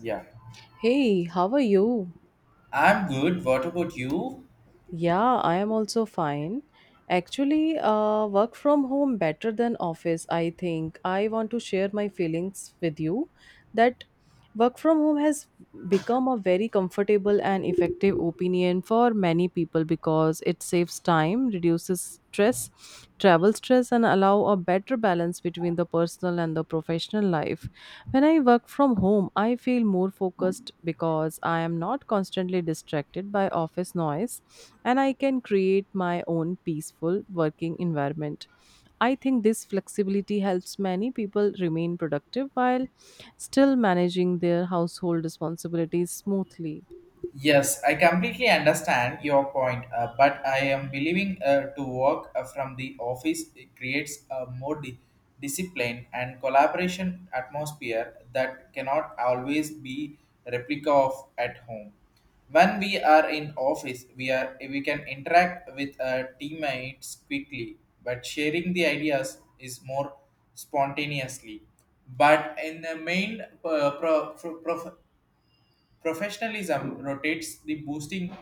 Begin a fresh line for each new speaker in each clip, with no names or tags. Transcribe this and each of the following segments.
Yeah,
Hey, how are you?
I'm good. What about you?
Yeah, I am also fine. Actually, work from home better than office, I think. I want to share my feelings with you that work from home has become a very comfortable and effective opinion for many people because it saves time, reduces stress, travel stress and allow a better balance between the personal and the professional life. When I work from home, I feel more focused because I am not constantly distracted by office noise, and I can create my own peaceful working environment. I think this flexibility helps many people remain productive while still managing their household responsibilities smoothly.
Yes, I completely understand your point, but I am believing to work from the office it creates a more discipline and collaboration atmosphere that cannot always be replica of at home. When we are in office, we can interact with teammates quickly, but sharing the ideas is more spontaneously. But in the main Professionalism rotates the boosting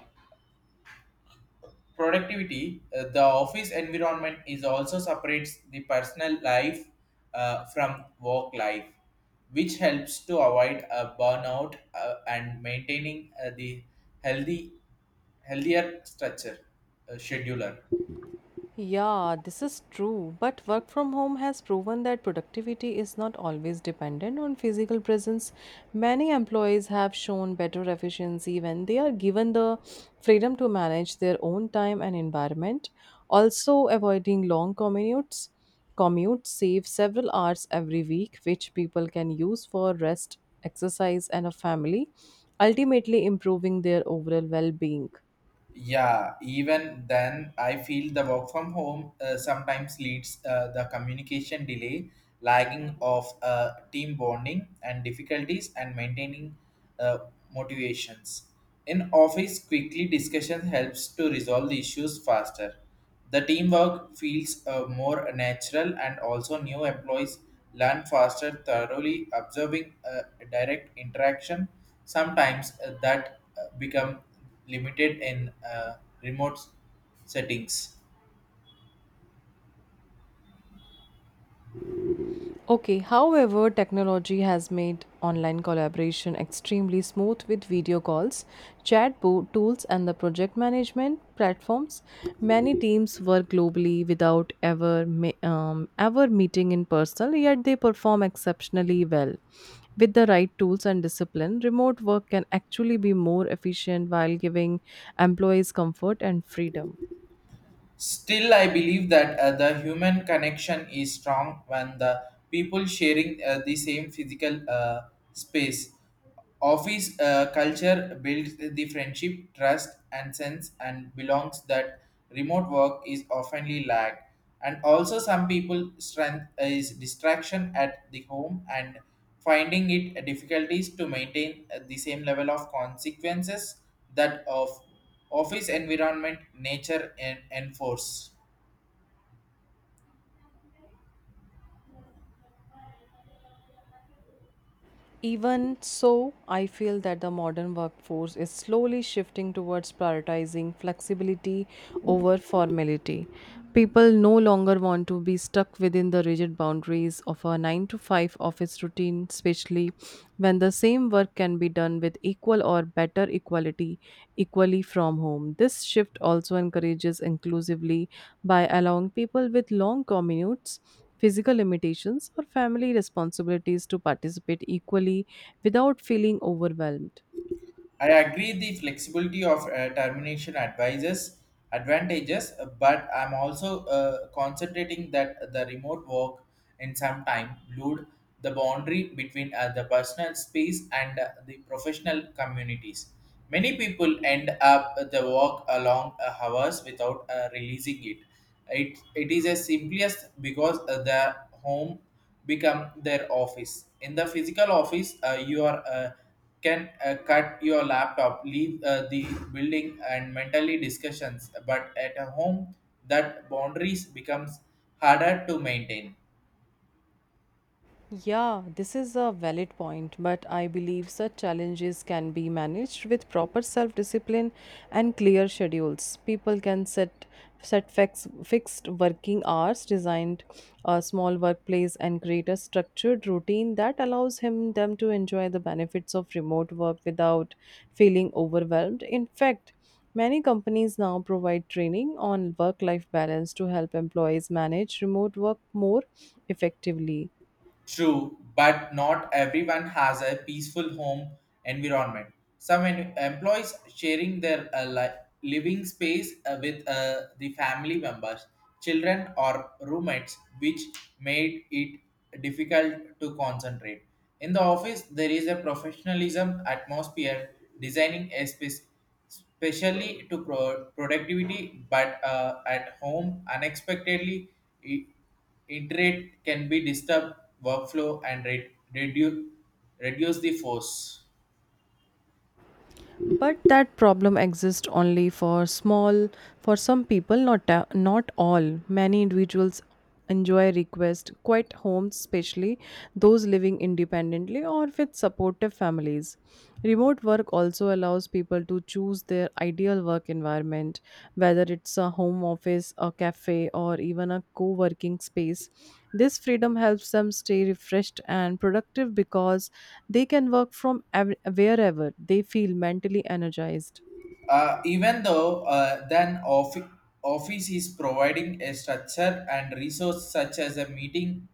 productivity. The office environment is also separates the personal life from work life, which helps to avoid a burnout and maintaining the healthy healthier structure scheduler.
Yeah, this is true. But work from home has proven that productivity is not always dependent on physical presence. Many employees have shown better efficiency when they are given the freedom to manage their own time and environment. Also, avoiding long commutes commutes save several hours every week, which people can use for rest, exercise, and a family, ultimately improving their overall well-being.
Yeah, even then I feel the work from home sometimes leads the communication delay, lagging of team bonding and difficulties and maintaining uh, motivations. In office, quickly discussion helps to resolve the issues faster. The teamwork feels more natural, and also new employees learn faster thoroughly observing direct interaction sometimes that become limited in remote settings.
Okay, however, technology has made online collaboration extremely smooth with video calls, tools, and the project management platforms. Many teams work globally without ever meeting in person, yet they perform exceptionally well. With the right tools and discipline, remote work can actually be more efficient while giving employees comfort and freedom.
Still, I believe that the human connection is strong when the people sharing the same physical space. Office culture builds the friendship, trust, and sense and belongs that remote work is oftenly lacked, and also some people strength is distraction at the home and finding it difficulties to maintain the same level of consequences that of office environment nature and enforce.
Even so, I feel that the modern workforce is slowly shifting towards prioritizing flexibility over formality. People no longer want to be stuck within the rigid boundaries of a 9 to 5 office routine, especially when the same work can be done with equal or better equality equally from home. This shift also encourages inclusively by allowing people with long commutes, physical limitations, or family responsibilities to participate equally without feeling overwhelmed.
I agree the flexibility of termination advises advantages, but I'm also concentrating that the remote work in some time blurred the boundary between the personal space and the professional communities. Many people end up the work along hours without releasing it. It is a simplest because the home become their office. In the physical office, you are. Can cut your laptop, leave the building, and mentally discussions. But at a home, that boundaries becomes harder to maintain.
Yeah, this is a valid point, but I believe such challenges can be managed with proper self-discipline and clear schedules. People can fixed working hours, designed a small workplace, and create a structured routine that allows him them to enjoy the benefits of remote work without feeling overwhelmed. In fact, many companies now provide training on work life balance to help employees manage remote work more effectively.
True, but not everyone has a peaceful home environment. Some employees sharing their living space with the family members, children, or roommates, which made it difficult to concentrate. In the office, there is a professionalism atmosphere designing a space especially to productivity, but at home, unexpectedly, i- internet can be disturbed workflow and reduce the force.
But that problem exists only for small for some people, not all. Many individuals enjoy request quiet homes, especially those living independently or with supportive families. Remote work also allows people to choose their ideal work environment, whether it's a home office, a cafe, or even a co working space. This freedom helps them stay refreshed and productive because they can wherever they feel mentally energized.
Even though then office is providing a structure and resource such as a meeting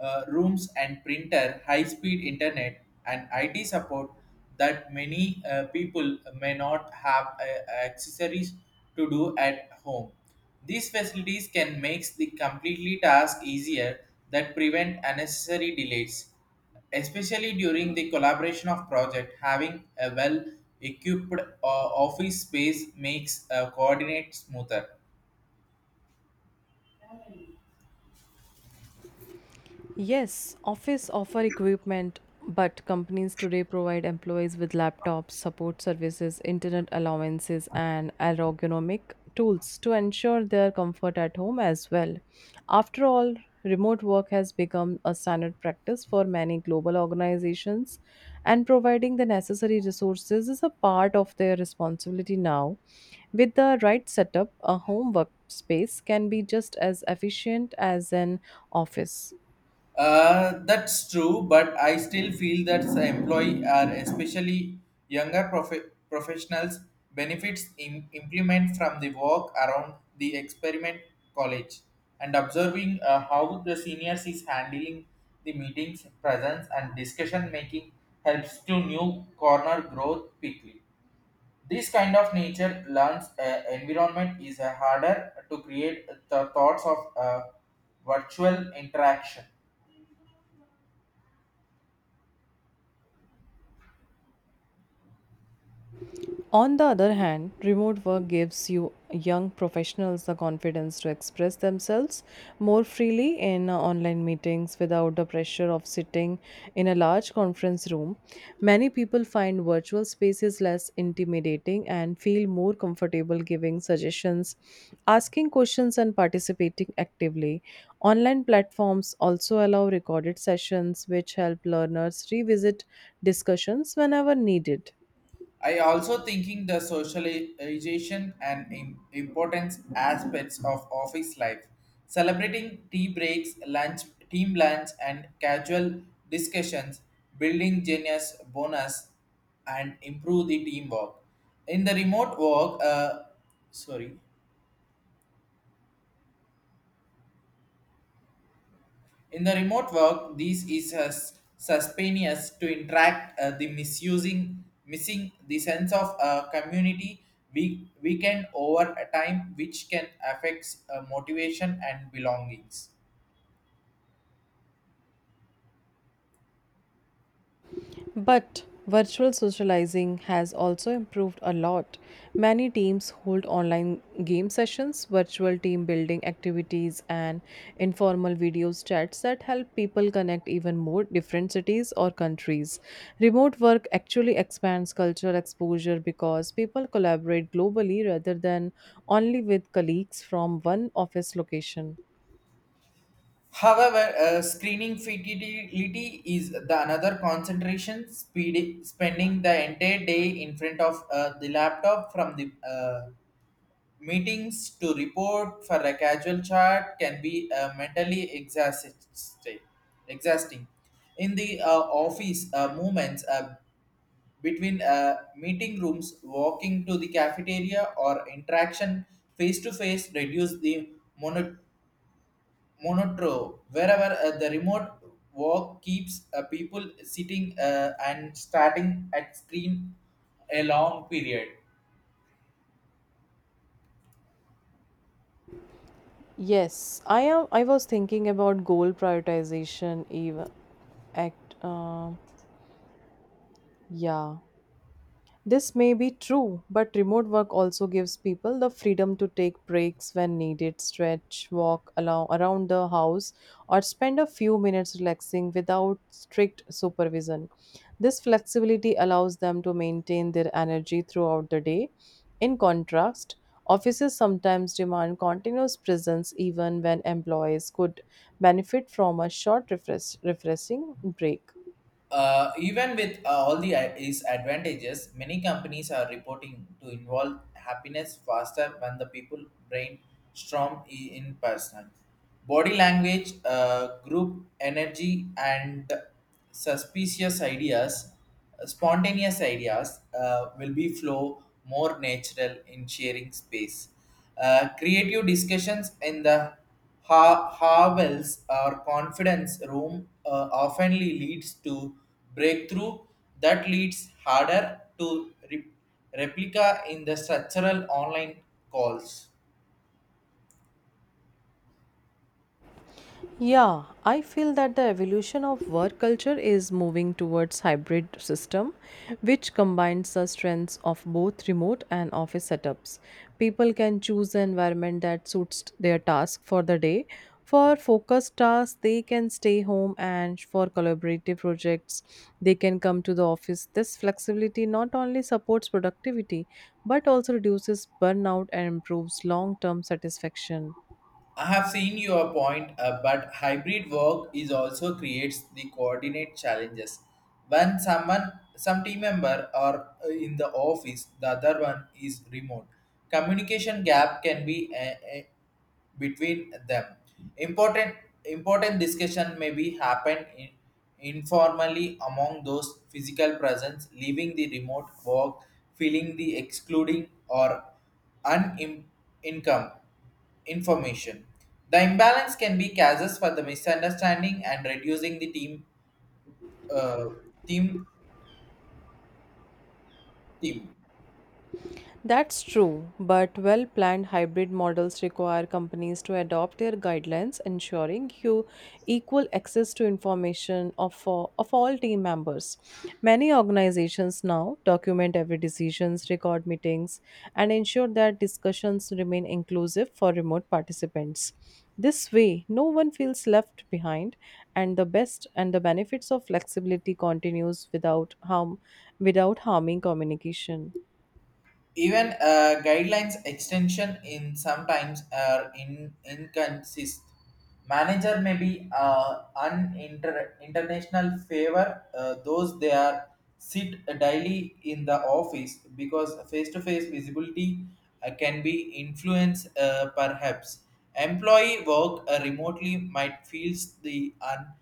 rooms and printer, high-speed internet, and IT support that many people may not have accessories to do at home. These facilities can make the completely task easier that prevent unnecessary delays, especially during the collaboration of project. Having a well-equipped office space makes coordinate smoother.
Yes, office offer equipment, but companies today provide employees with laptops, support services, internet allowances, and ergonomic tools to ensure their comfort at home as well. After all, remote work has become a standard practice for many global organizations, and providing the necessary resources is a part of their responsibility now. With the right setup, a home workspace can be just as efficient as an office.
That's true, but I still feel that the employee are especially younger professionals benefits in implement from the walk around the experiment college and observing how the seniors is handling the meetings presence and discussion making helps to new corner growth quickly. This kind of nature learns environment is harder to create the thoughts of virtual interaction.
On the other hand, remote work gives you young professionals the confidence to express themselves more freely in online meetings without the pressure of sitting in a large conference room. Many people find virtual spaces less intimidating and feel more comfortable giving suggestions, asking questions, and participating actively. Online platforms also allow recorded sessions, which help learners revisit discussions whenever needed.
I also thinking the socialization and importance aspects of office life, celebrating tea breaks, lunch, team lunch, and casual discussions, building genius bonus, and improve the teamwork. In the remote work, uh, sorry, In the remote work, this is as suspicious to interact the missing the sense of community we weakened over a time, which can affect motivation and belongings.
But virtual socializing has also improved a lot. Many teams hold online game sessions, virtual team building activities, and informal video chats that help people connect even more different cities or countries. Remote work actually expands cultural exposure because people collaborate globally rather than only with colleagues from one office location.
However, screening futility is the another concentration, spending the entire day in front of the laptop from the meetings to report for a casual chat can be mentally exhausting. In the office, movements between meeting rooms, walking to the cafeteria, or interaction face to face reduce the mono- monotro. Wherever the remote work keeps people sitting and starting at screen a long period.
Yes, I am. I was thinking about goal prioritization. Even act. Uh. Yeah, this may be true, but remote work also gives people the freedom to take breaks when needed, stretch, walk along around the house, or spend a few minutes relaxing without strict supervision. This flexibility allows them to maintain their energy throughout the day. In contrast, offices sometimes demand continuous presence even when employees could benefit from a refreshing break.
Even with all the its advantages, many companies are reporting to involve happiness faster when the people brainstorm in person. Body language, group energy, and suspicious ideas, spontaneous ideas will be flow more natural in sharing space. Creative discussions in the Havel's or confidence room oftenly leads to breakthrough that leads harder to replica in the structural online calls.
Yeah, I feel that the evolution of work culture is moving towards hybrid system which combines the strengths of both remote and office setups. People can choose the environment that suits their task for the day. For focused tasks, they can stay home, and for collaborative projects, they can come to the office. This flexibility not only supports productivity but also reduces burnout and improves long-term satisfaction.
I have seen your point, but hybrid work is also creates the coordinate challenges. When some team member are in the office, the other one is remote. Communication gap can be between them. Important, important discussion may be happen in, informally among those physical presence, leaving the remote work, feeling the excluding or un income information. The imbalance can be causes for the misunderstanding and reducing the team uh, team team.
That's true, but well planned hybrid models require companies to adopt their guidelines, ensuring you equal access to information of all team members. Many organizations now document every decisions, record meetings, and ensure that discussions remain inclusive for remote participants. This way, no one feels left behind, and the best and the benefits of flexibility continues without harming communication.
Even guidelines extension in sometimes are in inconsist. Manager may be an international favor those they are sit daily in the office because face-to-face visibility can be influenced perhaps. Employee work remotely might feels the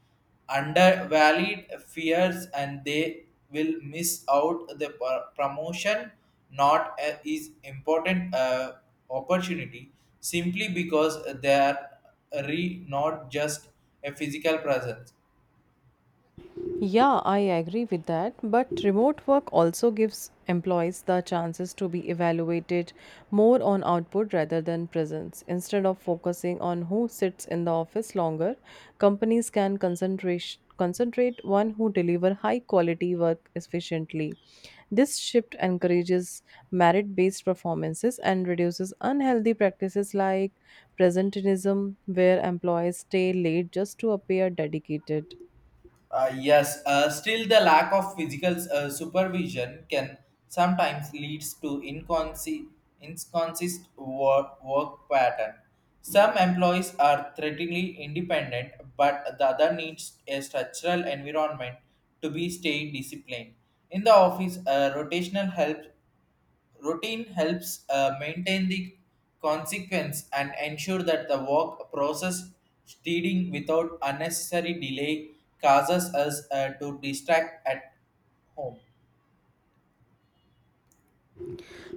undervalued fears and they will miss out the promotion, not a, is important opportunity simply because they are re not just a physical presence.
Yeah, I agree with that. But remote work also gives employees the chances to be evaluated more on output rather than presence. Instead of focusing on who sits in the office longer, companies can concentrate one who deliver high quality work efficiently. This shift encourages merit based performances and reduces unhealthy practices like presentism where employees stay late just to appear dedicated.
Yes, still the lack of physical supervision can sometimes leads to inconsistent work pattern. Some employees are threateningly independent, but the other needs a structural environment to be stay disciplined. In the office, rotational help Routine helps maintain the consequence and ensure that the work process steading without unnecessary delay causes us to distract at home.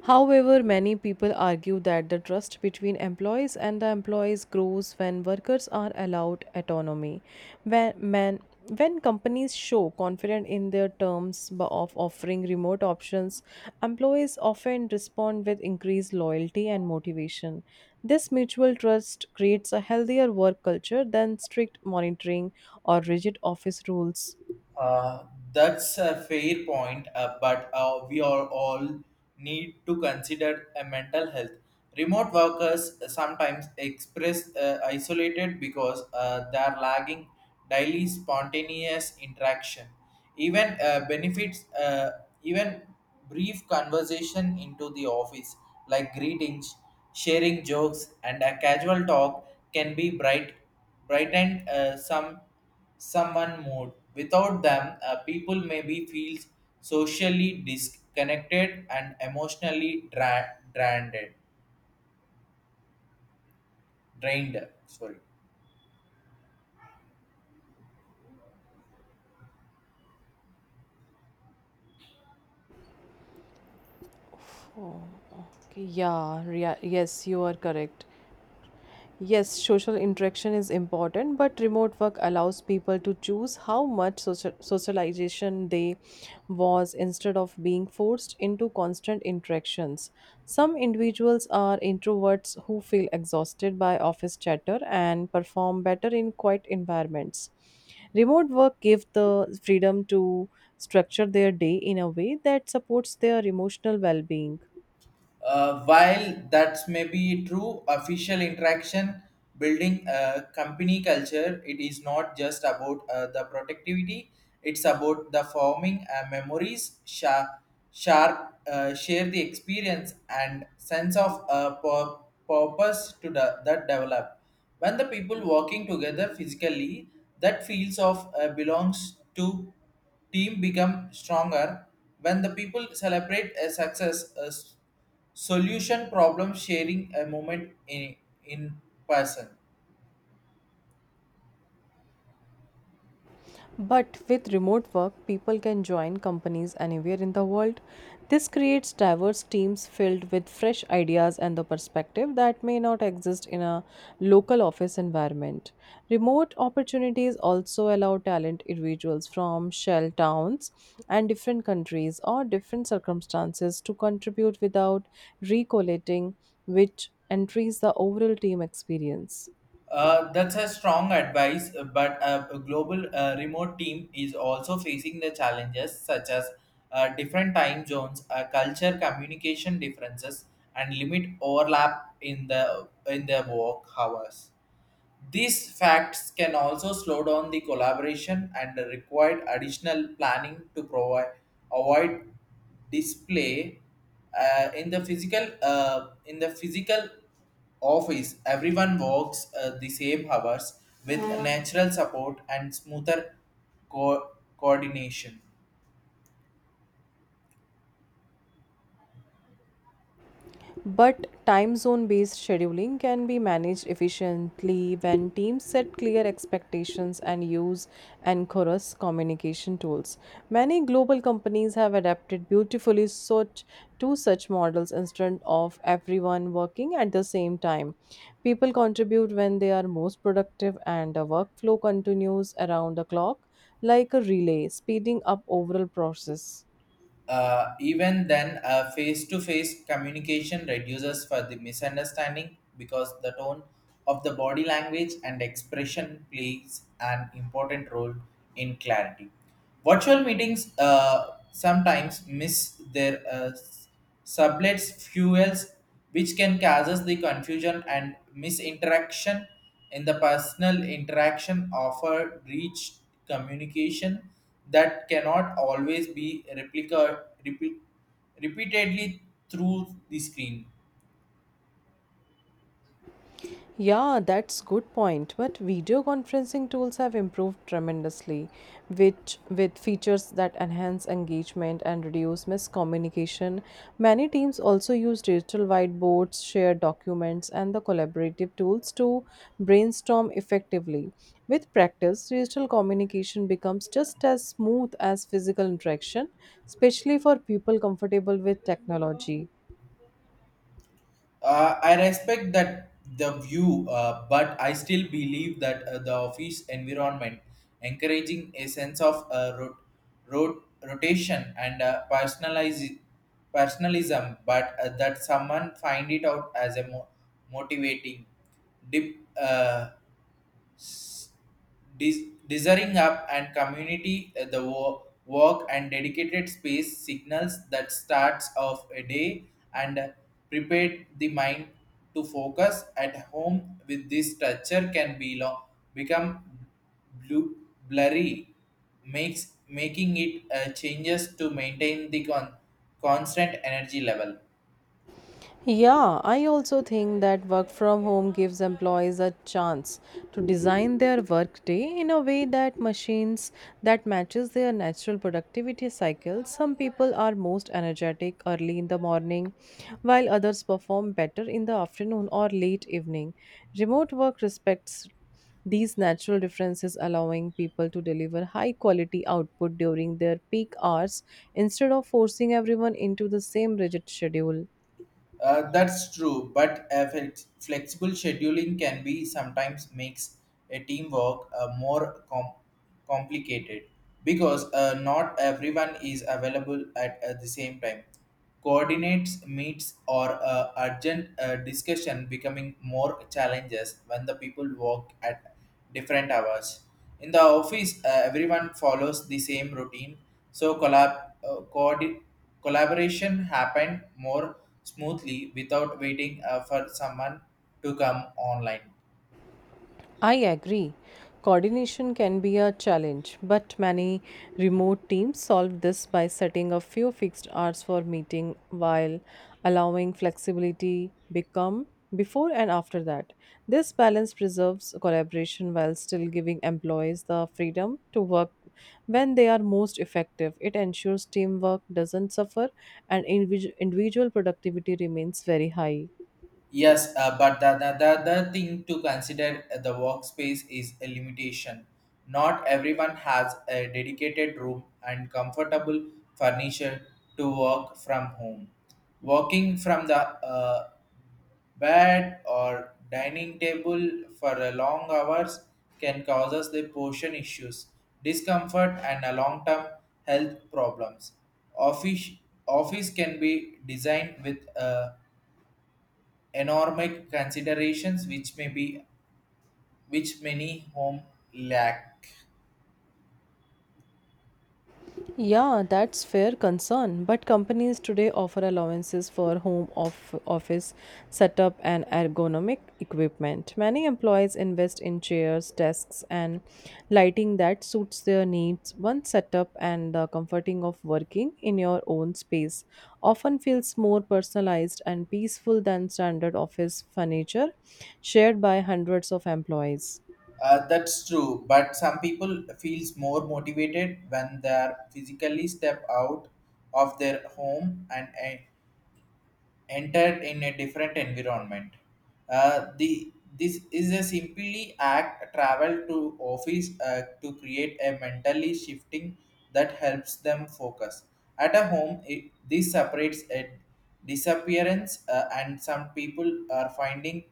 However, many people argue that the trust between employees and the employees grows when workers are allowed autonomy. When, when, when companies show confidence in their of offering remote options, employees often respond with increased loyalty and motivation. This mutual trust creates a healthier work culture than strict monitoring or rigid office rules.
Uh, that's a fair point, but we are all need to consider a mental health. Remote workers sometimes express isolated because they are lagging daily spontaneous interaction. Even uh, benefits, uh, Even brief conversation into the office, like greetings, sharing jokes, and a casual talk, can be brightened someone mood. Without them, people maybe feels socially disconnected and emotionally drained drained. Sorry
Yes, you are correct. Yes, social interaction is important, but remote work allows people to choose how much socialization they was, instead of being forced into constant interactions. Some individuals are introverts who feel exhausted by office chatter and perform better in quiet environments. Remote work gives the freedom to structure their day in a way that supports their emotional well-being.
While that's may be true, official interaction building a company culture, it is not just about the productivity. It's about the forming memories, share the experience and sense of purpose to the, that develop. When the people working together physically, that feels of belongs to team become stronger. When the people celebrate a success, solution problem sharing a moment in person.
But with remote work, people can join companies anywhere in the world. This creates diverse teams filled with fresh ideas and the perspective that may not exist in a local office environment. Remote opportunities also allow talent individuals from shell towns and different countries or different circumstances to contribute without recollating, which entries the overall team experience.
Uh, that's a strong advice, but a global remote team is also facing the challenges such as different time zones, culture communication differences and limit overlap in the work hours. These facts can also slow down the collaboration and require additional planning to provide avoid display in the physical office. Everyone works the same hours with natural support and smoother co- coordination.
But time zone based scheduling can be managed efficiently when teams set clear expectations and use anchorous communication tools. Many global companies have adapted beautifully to such models. Instead of everyone working at the same time, people contribute when they are most productive, and the workflow continues around the clock like a relay, speeding up overall process.
Even then, face-to-face communication reduces for the misunderstanding because the tone of the body language and expression plays an important role in clarity. Virtual meetings sometimes miss their sublets fuels, which can causes the confusion and misinteraction in the personal interaction offer reach communication that cannot always be repeatedly through the screen.
Yeah, that's good point. But video conferencing tools have improved tremendously, which with features that enhance engagement and reduce miscommunication. Many teams also use digital whiteboards, shared documents, and the collaborative tools to brainstorm effectively. With practice, digital communication becomes just as smooth as physical interaction, especially for people comfortable with technology.
I respect that the view, but I still believe that the office environment encouraging a sense of rotation and personalism, but that someone find it out as a motivating dip, desiring up and community the work and dedicated space signals that starts of a day and prepared the mind to focus at home with this structure can be long become blue blurry, makes making it changes to maintain the constant energy level.
Yeah, I also think that work from home gives employees a chance to design their workday in a way that matches their natural productivity cycle. Some people are most energetic early in the morning, while others perform better in the afternoon or late evening. Remote work respects these natural differences, allowing people to deliver high quality output during their peak hours instead of forcing everyone into the same rigid schedule.
That's true, but a flexible scheduling can be sometimes makes a teamwork more complicated because not everyone is available at the same time. Coordinates, meets, or urgent discussion becoming more challenges when the people work at different hours. In the office, everyone follows the same routine, so collab- coordinate collaboration happened more smoothly without waiting for someone to come online.
I agree. Coordination can be a challenge, but many remote teams solve this by setting a few fixed hours for meeting while allowing flexibility become before and after that. This balance preserves collaboration while still giving employees the freedom to work when they are most effective. It ensures teamwork doesn't suffer and individual productivity remains very high.
Yes, but the thing to consider the workspace is a limitation. Not everyone has a dedicated room and comfortable furniture to work from home. Working from the bed or dining table for a long hours can cause us the portion issues, discomfort, and a long-term health problems. Office Office can be designed with a economic considerations which may be which many home lack.
Right? Yeah, that's fair concern. But companies today offer allowances for home of office setup and ergonomic equipment. Many employees invest in chairs, desks, and lighting that suits their needs. One setup and the comforting of working in your own space often feels more personalized and peaceful than standard office furniture shared by hundreds of employees.
Uh, that's true, but some people feels more motivated when they are physically step out of their home and entered in a different environment. The This is a simply act travel to office to create a mentally shifting that helps them focus. At a home, it, this separates a disappearance, and some people are finding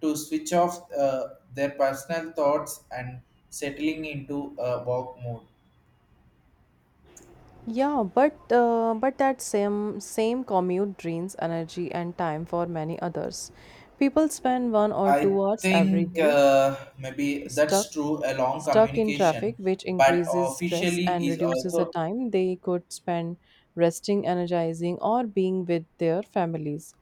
to switch off their personal thoughts and settling into a work mode.
Yeah, but that same commute drains energy and time for many others. People spend one or
I
two hours every
think
day
maybe
stuck
that's true along
stuck in traffic,
communication,
which
but
increases stress
officially
and
is
reduces the
also
time they could spend resting, energizing, or being with their families.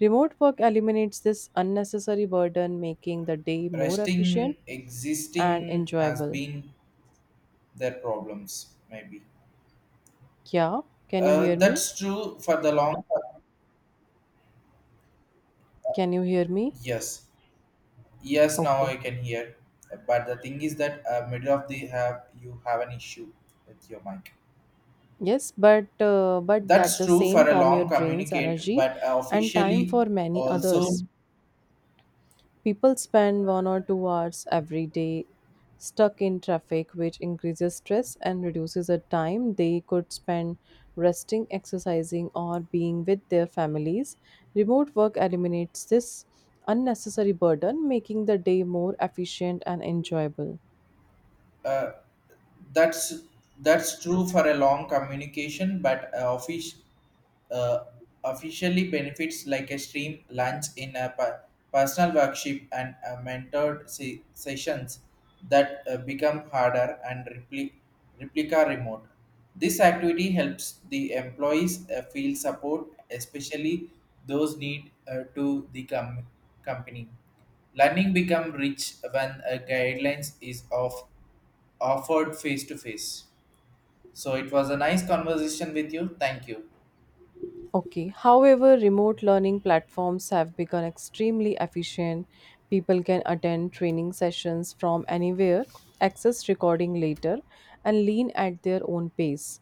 Remote work eliminates this unnecessary burden, making the day more
resting
efficient and
existing has
enjoyable.
been their problems maybe.
Yeah, can you hear me?
That's true for the long term.
Can you hear me?
Yes, yes. Now
Okay.
I can hear, but the thing is that middle of the have you have an issue with your mic.
Yes, but that
That's
the
true
same
for a long
commute drains
communicate,
energy
but
and time
officially
for many
also
others. People spend one or two hours every day stuck in traffic, which increases stress and reduces the time they could spend resting, exercising, or being with their families. Remote work eliminates this unnecessary burden, making the day more efficient and enjoyable.
uh, that's that's true for a long communication, but office uh, officially benefits like a stream lunch in a personal workshop and mentored sessions that become harder and replica remote. This activity helps the employees feel support, especially those need to the company learning become rich when a guidelines is offered face to face. So it was a nice conversation with you. Thank you.
Okay. However, remote learning platforms have become extremely efficient. People can attend training sessions from anywhere, access recording later, and learn at their own pace.